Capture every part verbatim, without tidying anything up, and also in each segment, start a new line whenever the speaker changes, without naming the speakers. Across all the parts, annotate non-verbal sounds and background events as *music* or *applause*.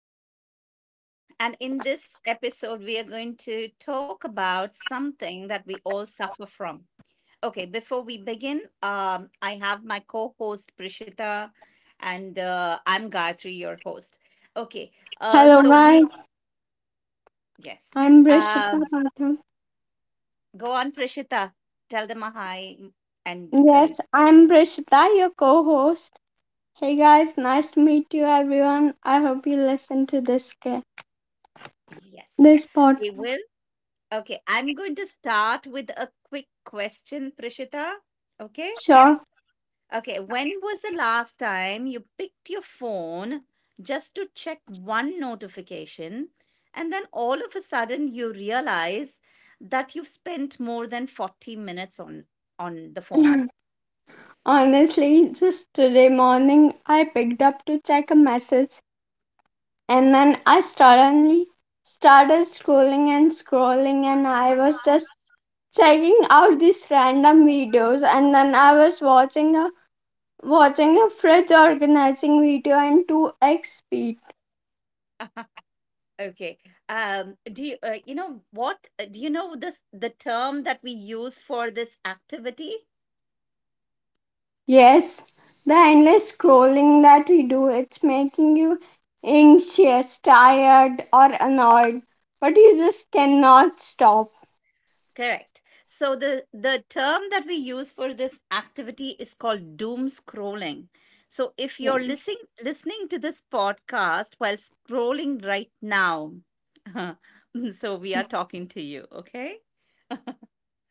another episode. And in this episode, we are going to talk about something that we all suffer from. Okay, before we begin, um, I have my co host Prishita, and uh, I'm Gayatri, your host. Okay, uh,
Hello,
so we,
guys.
yes,
I'm Brishita
um,
Pathak.
go on, Prishita, tell them a hi, and uh,
Yes, I'm Brishita, your co host. Hey, guys, nice to meet you, everyone. I hope you listen to this, ca-
yes,
this pod.
they will. Okay, I'm going to start with a quick question, Prishita. Okay?
Sure.
Okay, when was the last time you picked your phone just to check one notification and then all of a sudden you realize that you've spent more than forty minutes on on the phone?
*laughs* *clears throat* Honestly, just today morning, I picked up to check a message, and then I suddenly started scrolling and scrolling, and I was just checking out these random videos, and then I was watching a watching a fridge organizing video in two x speed.
Okay. Um do you uh, you know what uh, do you know this the term that we use for this activity?
Yes, the endless scrolling that we do, it's making you anxious, tired, or annoyed, but you just cannot stop.
Correct. So the the term that we use for this activity is called doom scrolling. So if you're
Yeah.
listening listening to this podcast while scrolling right now, *laughs* so we are talking to you, okay?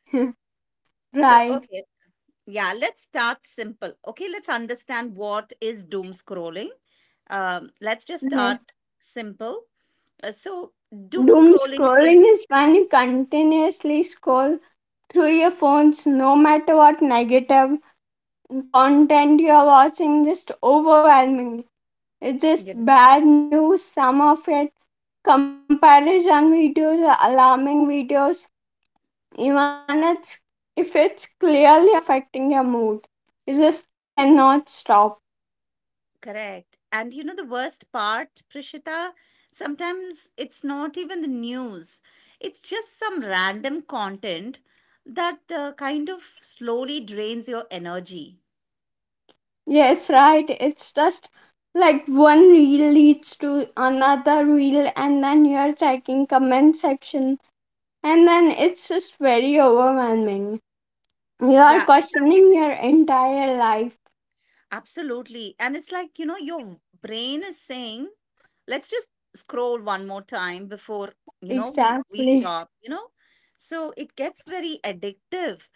*laughs*
So
Right.
okay, yeah, let's start simple. Okay, let's understand what is doom scrolling. Um, let's just
Yeah.
start simple. Uh, so doom
Doom
scrolling
scrolling
is,
is when you continuously scroll through your phones, no matter what negative content you are watching, just overwhelming. It's just
yeah.
bad news, some of it. Comparison videos, alarming videos, even it's, if it's clearly affecting your mood, you just cannot stop.
Correct. And you know the worst part, Prishita? Sometimes it's not even the news. It's just some random content that uh, kind of slowly drains your energy.
Yes, right. It's just like one reel leads to another reel, and then you're checking comment section, and then it's just very overwhelming. You are
Yeah, it,
questioning your entire life.
absolutely. And it's like, you know, your brain is saying, let's just scroll one more time before, you know, we, we
Exactly.
stop, you know? So it gets very addictive.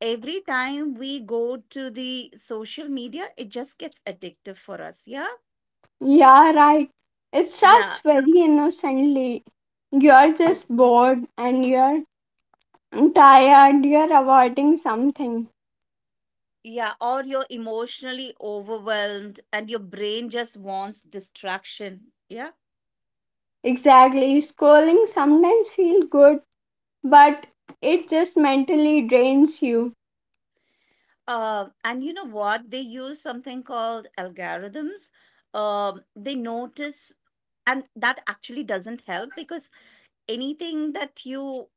Every time we go to the social media, it just gets addictive for us. Yeah.
Yeah, right. It
Yeah,
starts very innocently. You're
you,
just bored and you're tired, you're avoiding something.
yeah, or you're emotionally overwhelmed and your brain just wants distraction. Yeah.
Exactly. Scrolling sometimes feels good, but it just mentally drains you.
Uh, and you know what? They use something called algorithms. Um, they notice, and that actually doesn't help because anything that you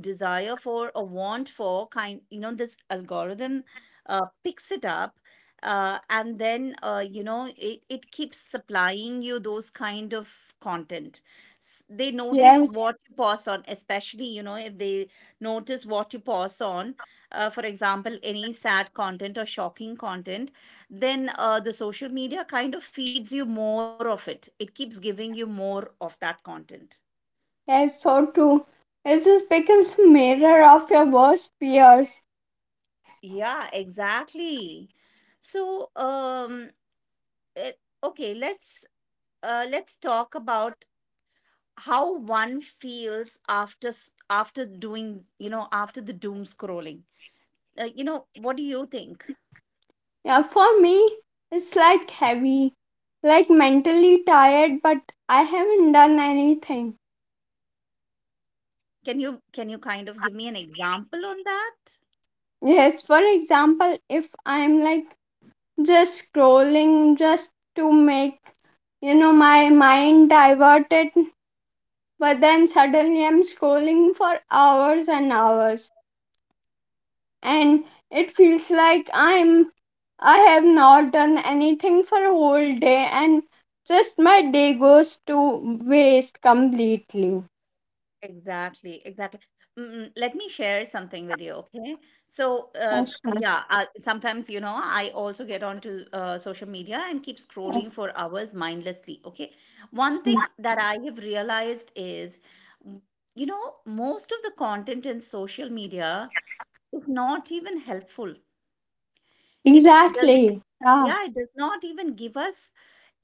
desire for a want for kind, you know this algorithm uh, picks it up, uh, and then uh, you know it, it keeps supplying you those kind of content. S- they notice
Yes,
what you pass on, especially, you know if they notice what you pass on, uh, for example, any sad content or shocking content. Then uh, the social media kind of feeds you more of it. It keeps giving you more of that content.
yes, so true. It just becomes a mirror of your worst fears.
Yeah, exactly. So, um, it, okay, let's uh, let's talk about how one feels after s- after doing, you know, after the doom scrolling. Uh, you know, what do you think?
Yeah, for me, it's like heavy, like mentally tired, but I haven't done anything.
Can you can you kind of give me an example on that?
Yes, for example, if I'm like just scrolling just to make you know my mind diverted, but then suddenly I'm scrolling for hours and hours, and it feels like I'm I have not done anything for a whole day, and just my day goes to waste completely.
Exactly, exactly. Mm, let me share something with you, okay? So, uh,
That's right.
yeah, uh, sometimes, you know, I also get onto uh, social media and keep scrolling for hours mindlessly, okay? One thing that I have realized is, mm, you know, most of the content in social media is not even helpful. It does not.
Exactly. Ah,
Yeah, it does not even give us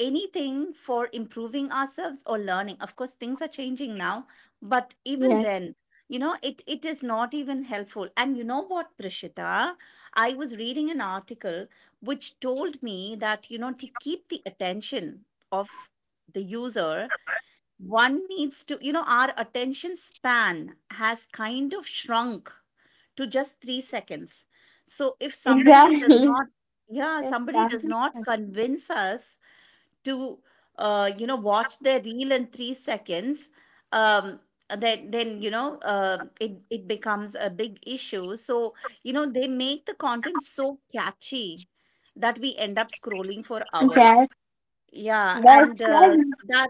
anything for improving ourselves or learning. Of course things are changing now, but even
yes,
then, you know it it is not even helpful. And you know what, Prishita, I was reading an article which told me that, you know to keep the attention of the user, one needs to, you know our attention span has kind of shrunk to just three seconds. So if somebody does
exactly. *laughs*
not, yeah,
Yes,
somebody
that-
does not convince us to uh, you know watch their reel in three seconds. um, then then you know uh, it it becomes a big issue. So, you know they make the content so catchy that we end up scrolling for hours.
yes.
Yeah. and
That's
uh,
right.
that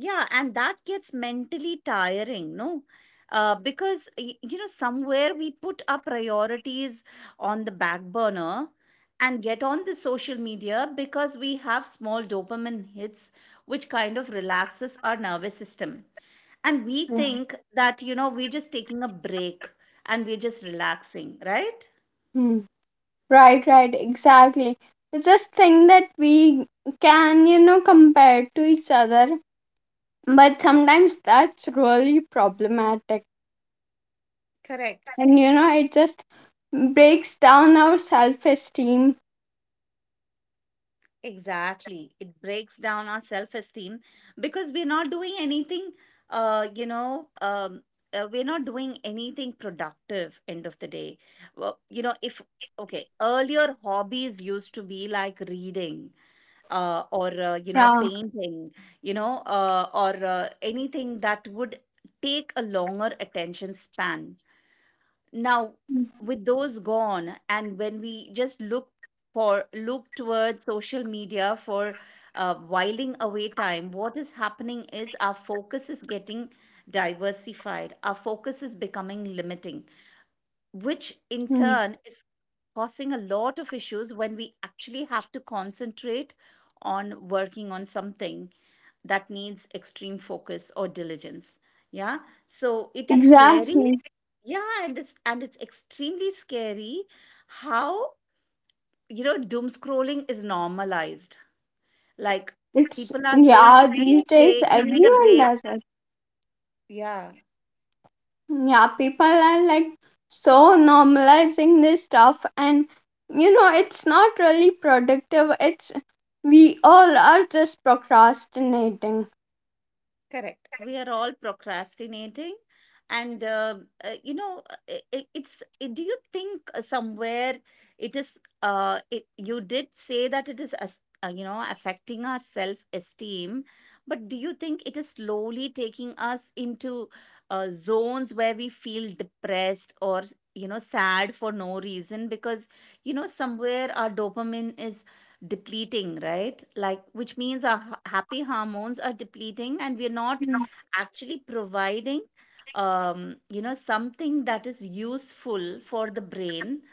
yeah, and that gets mentally tiring, no? Uh, because, y- you know, somewhere we put our priorities on the back burner and get on the social media because we have small dopamine hits, which kind of relaxes our nervous system. And we think that, you know, we're just taking a break and we're just relaxing, right?
Mhm. Right, right, exactly. It's just thing that we can, you know, compare to each other, but sometimes that's really problematic.
Correct.
And you know, it just breaks down our self-esteem.
Exactly. It breaks down our self esteem because we're not doing anything, uh, you know, um, uh, we're not doing anything productive end of the day. Well, you know, if, okay, earlier hobbies used to be like reading, uh, or, uh, you know,
Yeah.
painting, you know, uh, or uh, anything that would take a longer attention span. Now, with those gone, and when we just look for look towards social media for uh, whiling away time, what is happening is our focus is getting diversified. Our focus is becoming limiting, which in
Mhm.
turn is causing a lot of issues when we actually have to concentrate on working on something that needs extreme focus or diligence. Yeah. So it is scary.
Exactly.
Yeah. And it's and it's extremely scary how, you know doom scrolling is normalized. Like,
It's
people are saying
yeah,
it is
these days
okay, you need a
everyone
break.
does it.
Yeah.
Yeah, people are like so normalizing this stuff, and you know, it's not really productive. It's we all are just procrastinating.
Correct. We are all procrastinating. And, uh, uh, you know, uh, I I- it's, I- do you think uh, somewhere it is, uh, it, you did say that it is, as- uh, you know, affecting our self esteem, but do you think it is slowly taking us into uh, zones where we feel depressed or, you know, sad for no reason? Because, you know, somewhere our dopamine is depleting, right? Like, which means our h- happy hormones are depleting and we're not
Yeah.
actually providing, um, you know, something that is useful for the brain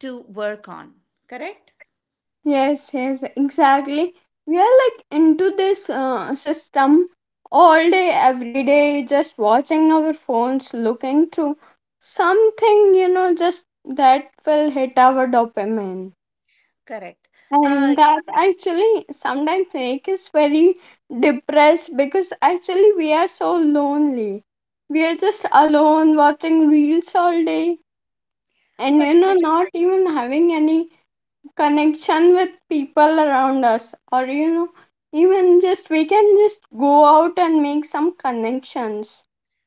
to work on. Correct?
Yes, yes, exactly. We are like into this uh, system all day, every day, just watching our phones, looking through something, you know, just that will hit our dopamine.
Correct.
And
Uh,
that actually sometimes make us very depressed because actually we are so lonely, we are just alone watching reels all day and
but
you know not even having any connection with people around us, or you know even just we can just go out and make some connections.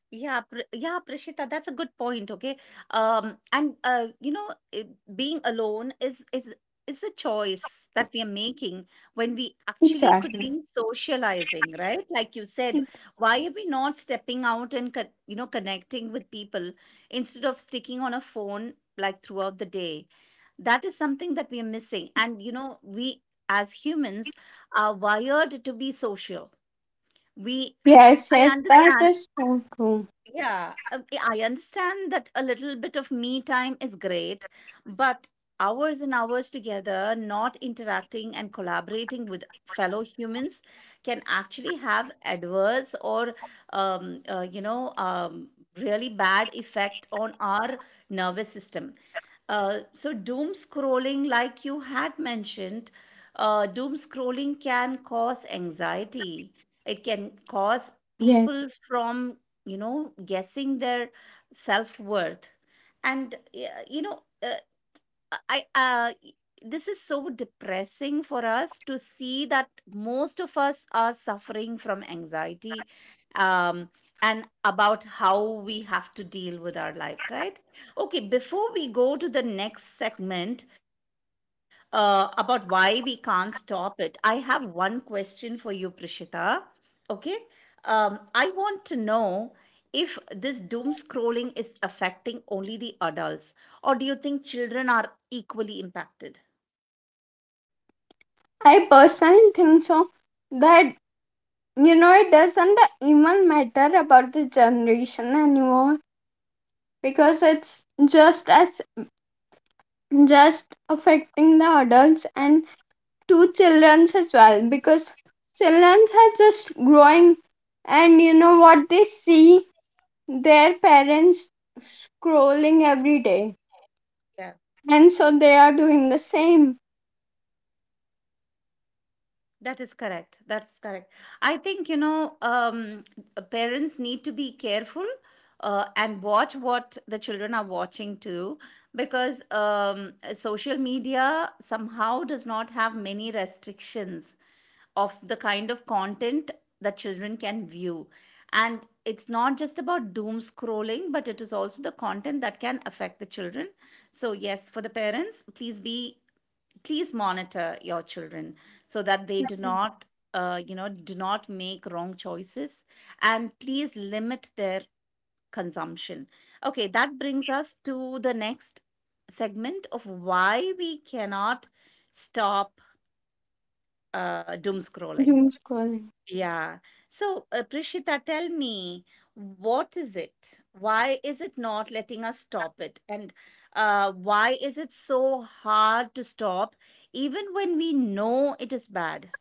yeah, Pr- yeah, Prishita, that's a good point. Okay, um, and uh, you know, I- being alone is is is a choice that we are making when we actually could
Exactly.
be socializing, right? Like you said, why are we not stepping out and con- you know connecting with people instead of sticking on a phone like throughout the day? That is something that we are missing, and, you know, we as humans are wired to be social. We
yes
I
yes that
understand
is so true.
yeah, um, Yeah, I understand that a little bit of me time is great, but hours and hours together, not interacting and collaborating with fellow humans can actually have adverse or, um, uh, you know, um, really bad effect on our nervous system. Uh, so doom scrolling, like you had mentioned, uh, doom scrolling can cause anxiety. It can cause
Yes,
people from you know guessing their self-worth. And, y- you know uh, uh, I uh y- this is so depressing for us to see that most of us are suffering from anxiety, um and about how we have to deal with our life, right? Okay, before we go to the next segment uh, about why we can't stop it, I have one question for you, Prishita. Okay? um, I want to know if this doom scrolling is affecting only the adults, or do you think children are equally impacted?
I personally think so, that you know, it doesn't uh, even matter about the generation anymore, because it's just as just affecting the adults and two children as well because children are just growing and you know what they see their parents scrolling every day,
Yeah.
and so they are doing the same
That is correct. That's correct. I think, you know, um, parents need to be careful uh, and watch what the children are watching too, because um, social media somehow does not have many restrictions of the kind of content that children can view. And it's not just about doom scrolling, but it is also the content that can affect the children. So, yes, for the parents, please be please monitor your children so that they do not uh, you know do not make wrong choices, and please limit their consumption. Okay, that brings us to the next segment of why we cannot stop uh, doom scrolling.
doom scrolling.
Yeah. So, uh, Prishita, tell me, what is it? Why is it not letting us stop it? And uh, why is it so hard to stop, even when we know it is bad?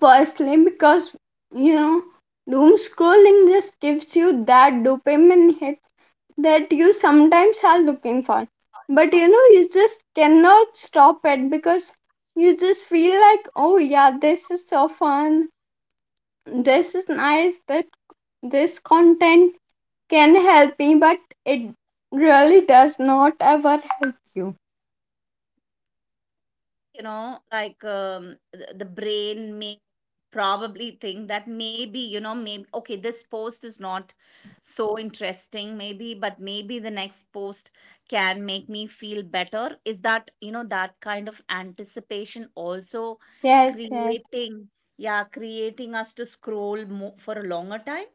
Firstly, because you know, doom scrolling just gives you that dopamine hit that you sometimes are looking for, but you know you just cannot stop it because you just feel like oh yeah this is so fun, this is nice, that this content can help me, but it really does not ever help you.
you know like um, the, the brain may probably think that, maybe, you know maybe, okay, this post is not so interesting, maybe, but maybe the next post can make me feel better. Is that, you know that kind of anticipation also
yes yes
creating yeah creating us to scroll mo- for a longer time?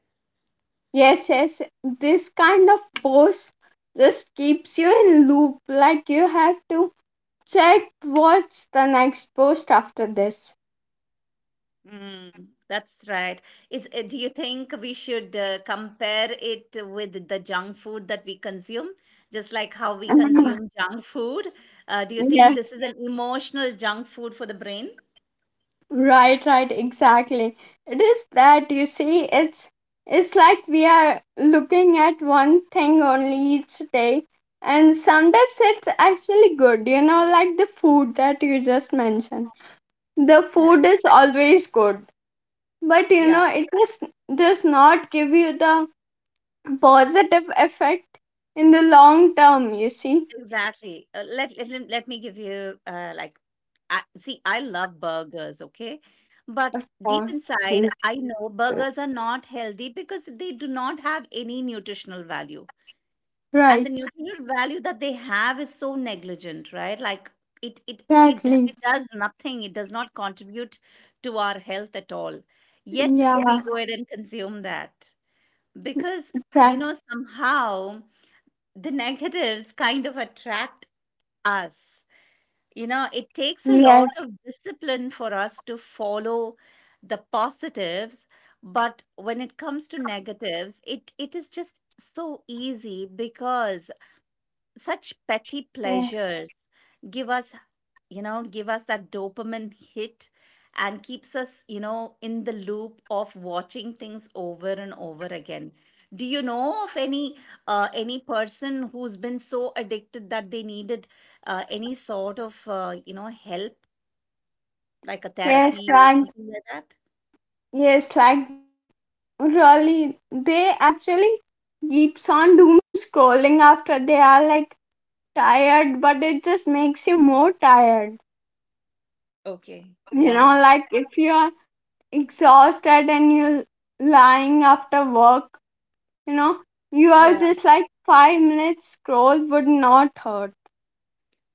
yes yes this kind of post just keeps you in loop, like you have to check what's the next post after this.
Mm. That's right. Is uh, Do you think we should uh, compare it with the junk food that we consume, just like how we
*clears throat*
consume junk food? Uh, do you
Mhm.
think
Yes.
this is an emotional junk food for the brain?
Right, right, exactly. It is that you see, it's it's like we are looking at one thing only each day, and sometimes it's actually good, you know, like the food that you just mentioned. The
Correct.
food is always good, but you
Yeah,
know, it just does not give you the positive effect in the long term, you see.
exactly. Uh, let, let me- let me give you uh, like, I, see, I love burgers, okay, but
Of
deep
course.
inside, I know burgers are not healthy because they do not have any nutritional value, and the
Right,
nutritional value that they have is so negligent, right? Like it it it d-
exactly.
does nothing, it does not contribute to our health at all, yet we
Yeah,
go ahead and consume that because you
right.
know, somehow the negatives kind of attract us. You know, it takes a
Yes.
lot of discipline for us to follow the positives, but when it comes to negatives, it it is just so easy because such petty
Yes.
pleasures give us, you know, give us that dopamine hit and keeps us, you know, in the loop of watching things over and over again. Do you know of any uh, any person who's been so addicted that they needed uh, any sort of uh, you know help, like a
Yes,
therapy or
like
something like that?
yes, like really, they actually keeps on doom scrolling after they are like tired, but it just makes you more tired.
Okay,
You know,
yeah,
like if you are exhausted and you lying after work, you know, you are
yeah.
just like five minutes scroll would not hurt.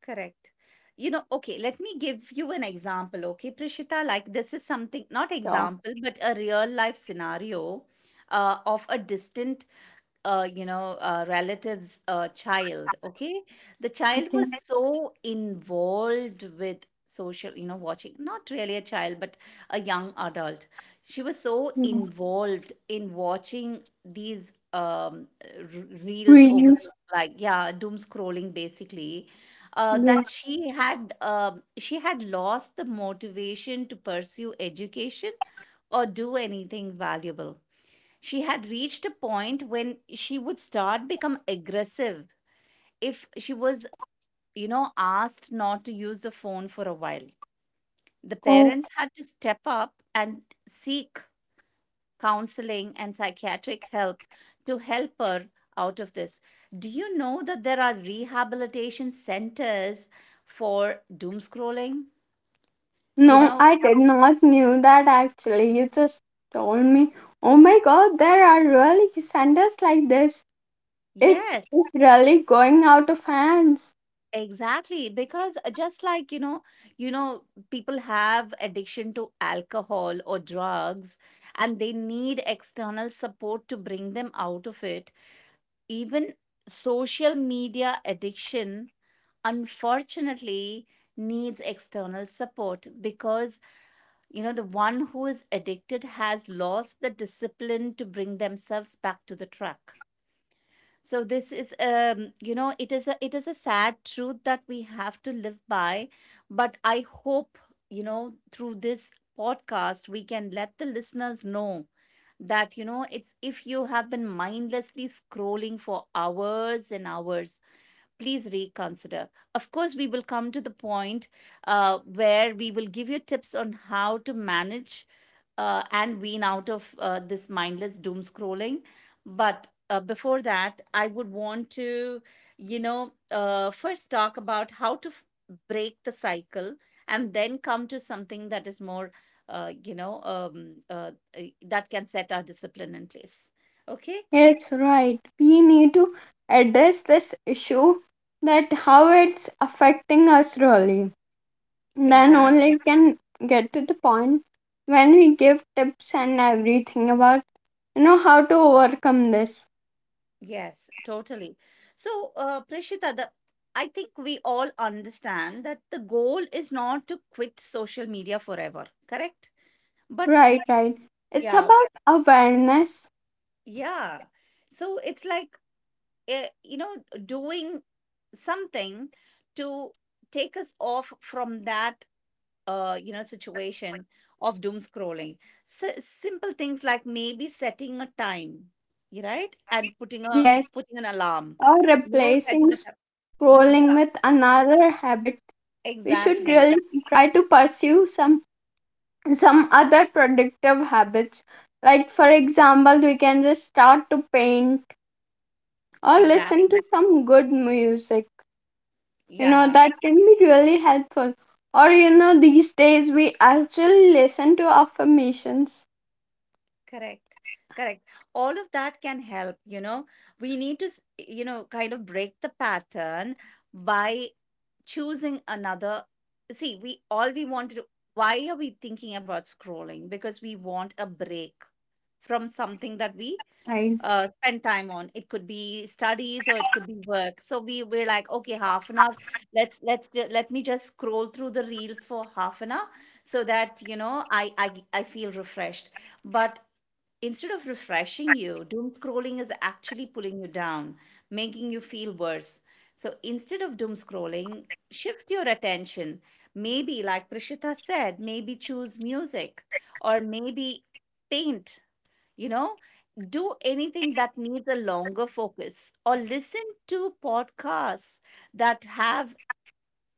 Correct. You know, okay, let me give you an example, okay, Prishita? Like, this is something, not
So,
example, but a real life scenario uh, of a distant uh, you know uh, relative's uh, child, okay? The child
okay,
was so involved with social, you know, watching, not really a child but a young adult. She was so involved in watching these um r- reels over,
reels,
like, yeah, doom scrolling basically, uh,
yes.
that she had um she had lost the motivation to pursue education or do anything valuable. She had reached a point when she would start become aggressive if she was, you know, asked not to use the phone for a while. The parents had to step up and seek counseling and psychiatric help to help her out of this. Do you know that there are rehabilitation centers for doom scrolling? You
No,
know,
I did not knew that actually. You just told me. Oh my god, there are really centers like this. It
yes.
is really going out of hands.
Exactly, because just like you know, you know, people have addiction to alcohol or drugs, and they need external support to bring them out of it. Even social media addiction, unfortunately, needs external support because you know, the one who is addicted has lost the discipline to bring themselves back to the track. So this is, um you know, it is a, it is a sad truth that we have to live by, but I hope, you know, through this podcast we can let the listeners know that, you know, it's, if you have been mindlessly scrolling for hours and hours, please reconsider. Of course we will come to the point uh, where we will give you tips on how to manage uh, and wean out of uh, this mindless doom scrolling. But uh, before that, I would want to, you know, uh, first talk about how to f- break the cycle and then come to something that is more, uh, you know, um, uh, uh, that can set our discipline in place. Okay,
Yes, right. We need to address this issue that how it's affecting us really. Then only
exactly.
it can get to the point when we give tips and everything about you know how to overcome this.
Yes, totally. So, uh, Prishita, the I think we all understand that the goal is not to quit social media forever, correct? But
Right, right. It's
yeah,
about awareness.
yeah. So it's like, eh, you know, doing something to take us off from that, uh, you know, situation of doom scrolling. So simple things like maybe setting a time, you right, and putting a
Yes,
putting an alarm,
or
you know, setting
replacing
a time.
scrolling
Yeah,
with another habit, we should
exactly,
really try to pursue some some other productive habits. Like for example, we can just start to paint or listen to
exactly.
some good music. You know,
Yeah.
that can be really helpful. Or you know, these days we actually listen to affirmations.
Correct. Correct. All of that can help, you know. We need to, s- you know, kind of break the pattern by choosing another. See, we all we want to do, why are we thinking about scrolling? Because we want a break from something that we
Right.
uh, spend time on. It could be studies or it could be work. So we we're like, okay, half an hour. Let's let's ju- let me just scroll through the reels for half an hour so that, you know, I I I feel refreshed. But instead of refreshing you, doom scrolling is actually pulling you down, making you feel worse. So instead of doom scrolling, shift your attention. Maybe, like Prishita said, maybe choose music or maybe paint, you know, do anything that needs a longer focus, or listen to podcasts that have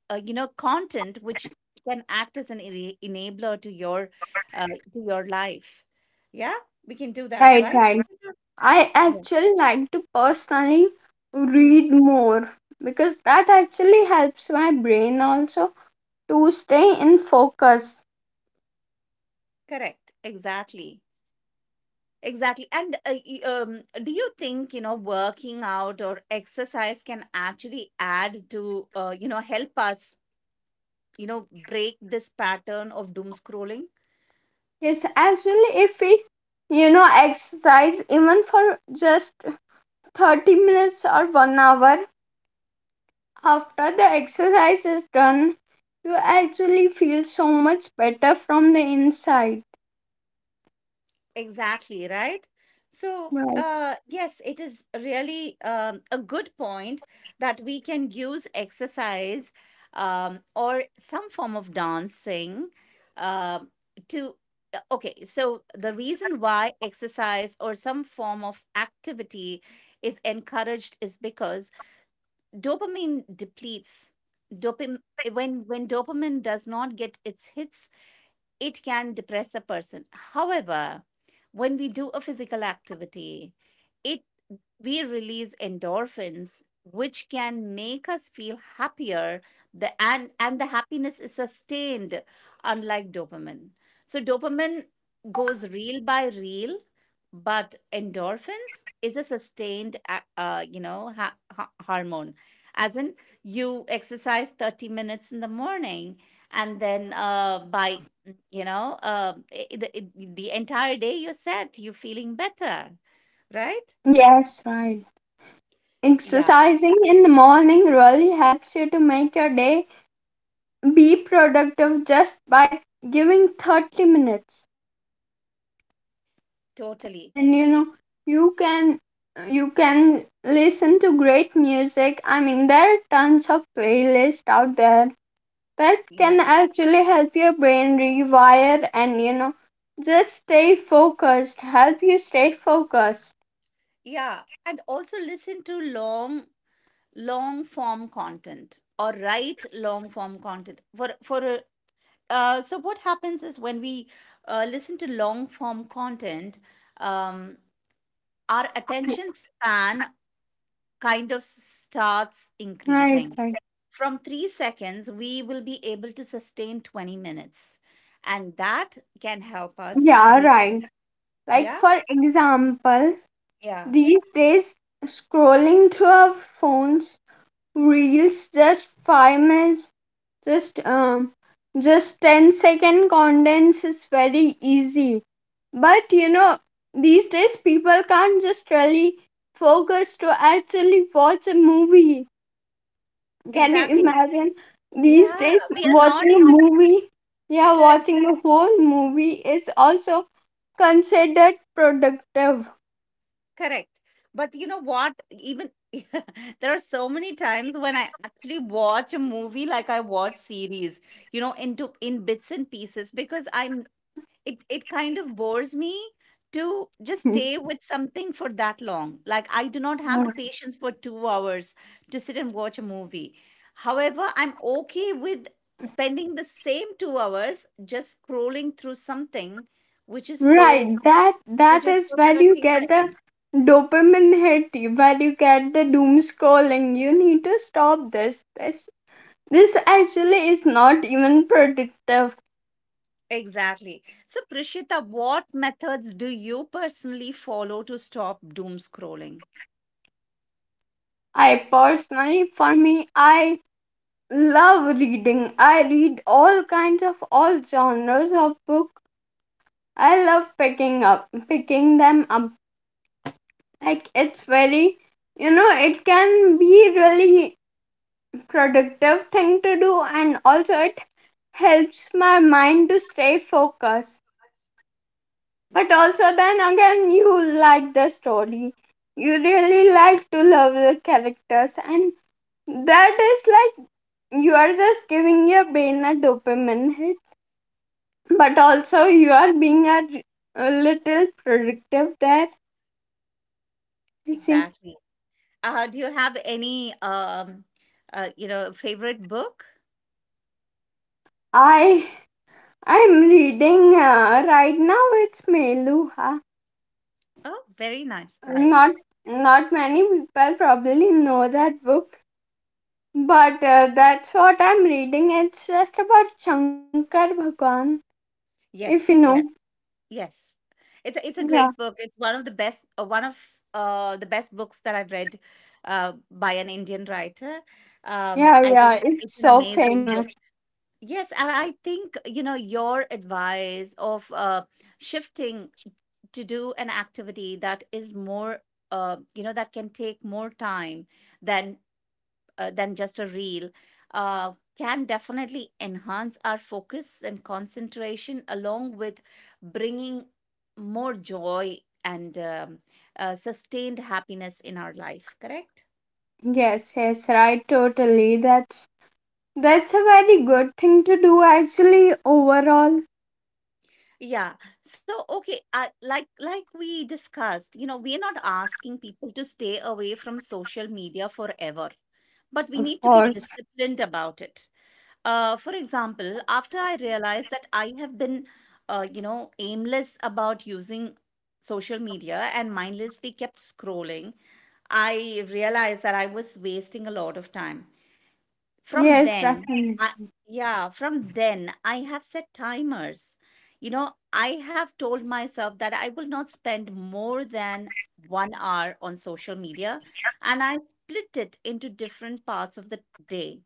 uh, you know, content which can act as an ena- enabler to your uh, to your life. Yeah, we can do that,
Right,
right?
right.
We should do- that.
I
Yeah.
actually like to personally
Mm,
read more because that actually helps my brain also to stay in focus.
correct, exactly, exactly. And uh, y- um, do you think, you know, working out or exercise can actually add to, uh, you know, help us, you know, break this pattern of doom scrolling?
Yes, actually, if we, you know, exercise even for just thirty minutes or one hour, after the exercise is done, you actually feel so much better from the inside.
Exactly, right? So,
Right.
uh, yes, it is really, um, a good point that we can use exercise um, or some form of dancing um to. Uh, okay, so the reason why exercise or some form of activity is encouraged is because dopamine depletes. Dopamine, when when dopamine does not get its hits, it can depress a person. However, when we do a physical activity, it we release endorphins which can make us feel happier. The and and the happiness is sustained, unlike dopamine. So dopamine goes reel by reel, but endorphins is a sustained a- uh, you know, ha- ha- hormone. As in, you exercise thirty minutes in the morning, and then uh, by you know uh, I- the, the entire day you're set, you're feeling better, right?
Yes, right.
Yeah.
Exercising in the morning really helps you to make your day be productive just by giving thirty minutes.
Totally.
And you know you can you can listen to great music, I mean there are tons of playlists out there that can
Yeah.
actually help your brain rewire, and you know just stay focused, help you stay focused.
Yeah. And also listen to long, long form content or write long form content. For for a uh, So what happens is when we uh, listen to long form content, um, our attention span kind of starts
Right,
increasing.
right.
From three seconds, we will be able to sustain twenty minutes, and that can help us
Yeah,
be
right,
better.
like
Yeah,
for example
yeah,
these days scrolling through our phones, reels just five minutes, just um just ten second contents is very easy, but you know these days people can't just really focus to actually watch a movie. Can you
exactly.
imagine these
Yeah,
days
we are not
watching a
able.
movie? Yeah,
Correct,
watching a whole movie is also considered productive.
correct. But you know what? Even *laughs* there are so many times when I actually watch a movie, like I watch series, you know, into in bits and pieces, because I'm, it it kind of bores me to just stay with something for that long. Like I do not have the
*laughs*
patience for two hours to sit and watch a movie. However, I'm okay with spending the same two hours just scrolling through something which is so,
Right, that
which
that
is
is
for
where you
thirty
get the
seconds.
dopamine hit, where you get the doom scrolling. You need to stop this. This this actually is not even productive.
Exactly. So, Prishita, what methods do you personally follow to stop doom scrolling?
I personally, for me, I love reading. I read all kinds of all genres of book. I love picking up picking them up. Like it's very you know, it can be really productive thing to do, and also it helps my mind to stay focused, but also then again you like the story, you really like to love the characters, and that is like you are just giving your brain a dopamine hit, but also you are being a a little productive there, you see.
Exactly. Uh, do you have any, um, uh, you know, favorite book?
I i'm reading uh, right now, it's Meluha.
Oh, very nice. Very
Not
nice.
Not many people probably know that book, but uh, that's what I'm reading. It's just about Shankar Bhagwan, if you
Yes.
know.
Yes. Yes. It's a, it's a
Yeah,
great book. It's one of the best, uh, one of uh, the best books that I've read uh, by an Indian writer. Um,
yeah,
I think
yeah.
it's
it's
an
so
amazing
famous.
book. Yes, and I think, you know, your advice of, uh, shifting to do an activity that is more, uh, you know, that can take more time than uh, than just a reel, uh, can definitely enhance our focus and concentration, along with bringing more joy and, um, uh, sustained happiness in our life. Correct?
Yes, yes, right, totally. That's that's a very good thing to do actually overall.
Yeah. So, okay, I, like like we discussed, you know, we're not asking people to stay away from social media forever, but we
Of
need to be
course.
disciplined about it. Uh, for example, after I realized that I have been, uh, you know, aimless about using social media and mindlessly kept scrolling, I realized that I was wasting a lot of time. From
Yes,
then,
definitely.
I, yeah, from then, I have set timers. You know, I have told myself that I will not spend more than one hour on social media, and I split it into different parts of the day.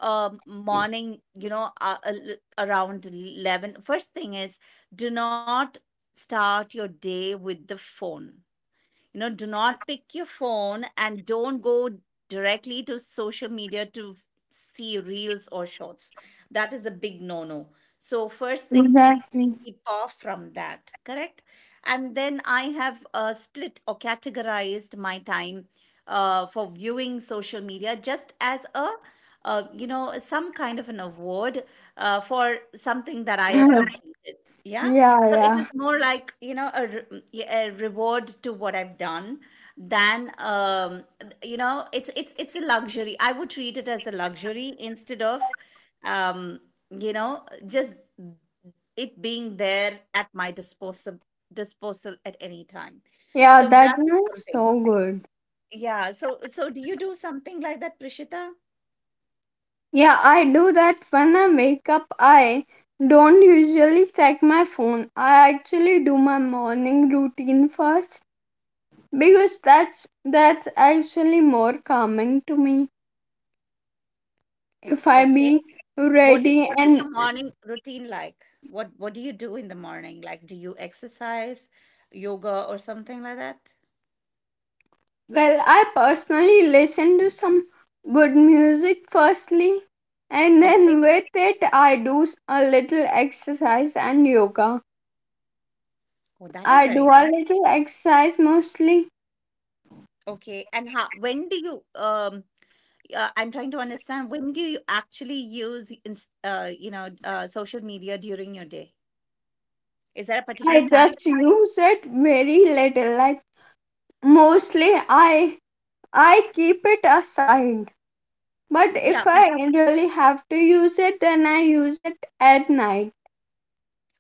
Um, morning, you know, uh, uh, l- around eleven. First thing is, do not start your day with the phone. You know, do not pick your phone and don't go directly to social media to f- see reels or shorts. That is a big no no. So first thing, keep
Exactly.
keep off from that. Correct. And then I have, uh, split or categorized my time uh, for viewing social media just as a, uh, you know, some kind of an award uh, for something that I have completed.
*laughs*
Yeah.
yeah,
So it
yeah.
is more like, you know, a, re- a reward to what I've done than, um, you know, it's it's it's a luxury. I would treat it as a luxury instead of um you know, just it being there at my disposal, disposal at any time.
Yeah,
So
that
that is
one is
something.
so good.
Yeah, so so do you do something like that, Prishita?
Yeah, I do that when I wake up. I don't usually check my phone. I actually do my morning routine first because that's that's actually more calming to me. If I
Okay,
be
what do-
ready
what is
and
your morning routine? Like, what what do you do in the morning? Like, do you exercise, yoga or something like that?
well, I personally listen to some good music firstly, and then
Okay.
with it I do s- a little exercise and yoga.
Oh, that is
I do
very
a
nice.
little exercise mostly.
Okay, and how, when do you, um uh, I'm trying to understand, when do you actually use, ins- uh you know uh social media during your day? Is there a particular
I
time?
just use it very little. Like mostly I I keep it assigned. But
Yeah,
if
but
I really have to use it then I use it at night.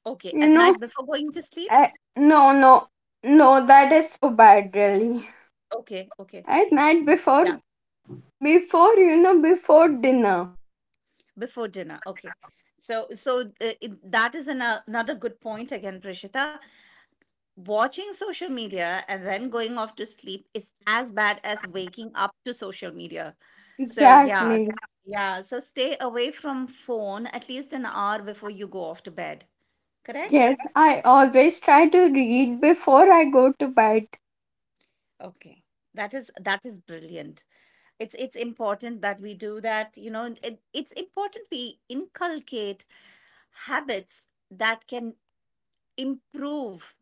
okay,
You
at
know?
night before going to sleep?
I, no no no, that is so bad really.
Okay, okay.
At night before,
Yeah,
before you know, before dinner.
before dinner. Okay. So so, uh, it, that is an, uh, another good point again, Prishita. Watching social media and then going off to sleep is as bad as waking up to social media. So yeah,
Exactly.
yeah. So stay away from phone at least an hour before you go off to bed. Correct?
Yes, I always try to read before I go to bed.
Okay. That is that is brilliant. It's it's important that we do that. You know, it, it's important we inculcate habits that can improve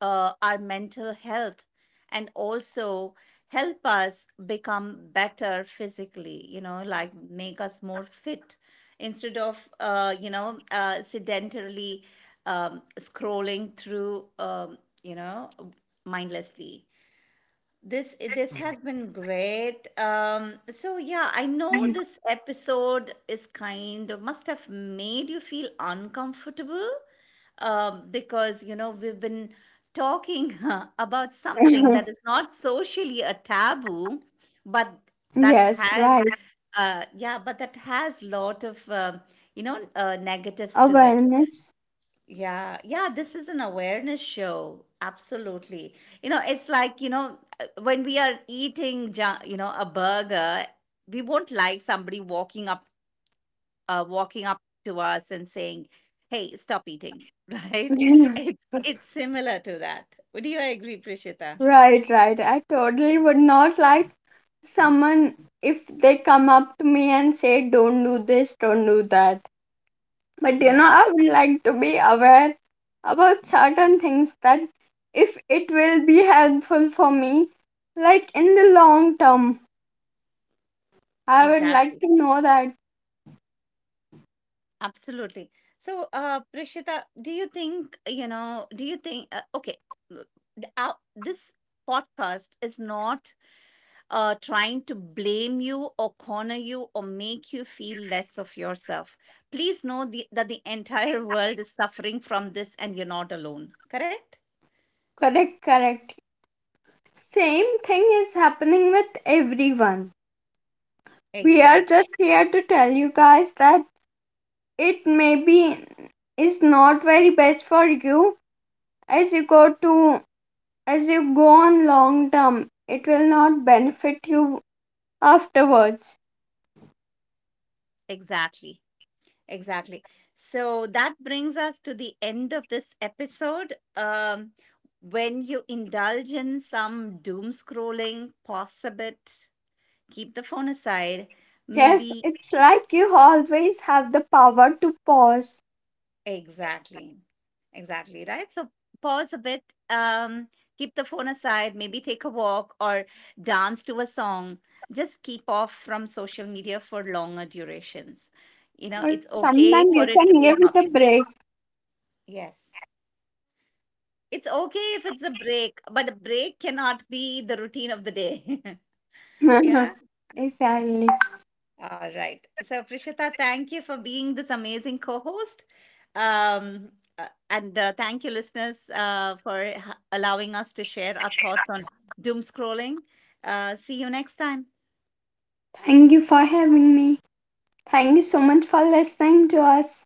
uh, our mental health and also help us become better physically, you know, like make us more fit, instead of, uh, you know, uh, sedentarily, um, scrolling through, um, you know, mindlessly. This, eh, this has been great. Um, so yeah, I know this episode is kind of must have made you feel uncomfortable, um, because you know we've been talking *laughs* about something
*laughs*
that is not socially a taboo, but that
Yes,
has,
right.
uh, yeah, but that has lot of, um you know, uh, negatives to it.
Awareness.
Yeah, yeah, this is an awareness show. Absolutely. You know, it's like, you know, uh, when we are eating, ju- you know, a burger, we won't like somebody walking up, uh walking up to us and saying, "Hey, stop eating." *laughs* Right?
*laughs*
It's it's similar to that. Would you agree, Prishita?
Right, right. I totally would not like someone if they come up to me and say, don't do this, don't do that. But you know,
Yeah,
I would like to be aware about certain things that if it will be helpful for me, like in the long term, I would like
exactly.
to know that.
Absolutely. So, uh, Prishita, do you think, you know, do you think, uh, okay, uh, th- uh, this podcast is not uh, trying to blame you or corner you or make you feel less of yourself. Please know the, that the entire *laughs* world is suffering from this and you're not alone. Correct?
Correct, correct. Same thing is happening with everyone. We are
Exactly.
just here to tell you guys that it maybe is not very best for you, as you go to as you go on long term, it will not benefit you afterwards.
Exactly. Exactly. So that brings us to the end of this episode. Um, when you indulge in some doom scrolling, pause a bit, keep the phone aside.
Yes,
Maybe
it's like you always have the power to pause,
exactly. Exactly, right? So pause a bit, um, keep the phone aside, maybe take a walk or dance to a song. Just keep off from social media for longer durations. You know, it's
or
okay
sometimes you
for it to
can
be a
give it a
hobby. Yes. It's okay if it's a break, but a break cannot be the routine of the day. *laughs* Yeah.
break. *laughs* Exactly.
All right. So, Prishita, thank you for being this amazing co host. Um, uh, and uh, thank you, listeners, uh, for h- allowing us to share our thoughts on doom scrolling. Uh, see you next time.
Thank you for having me. Thank you so much for listening to us.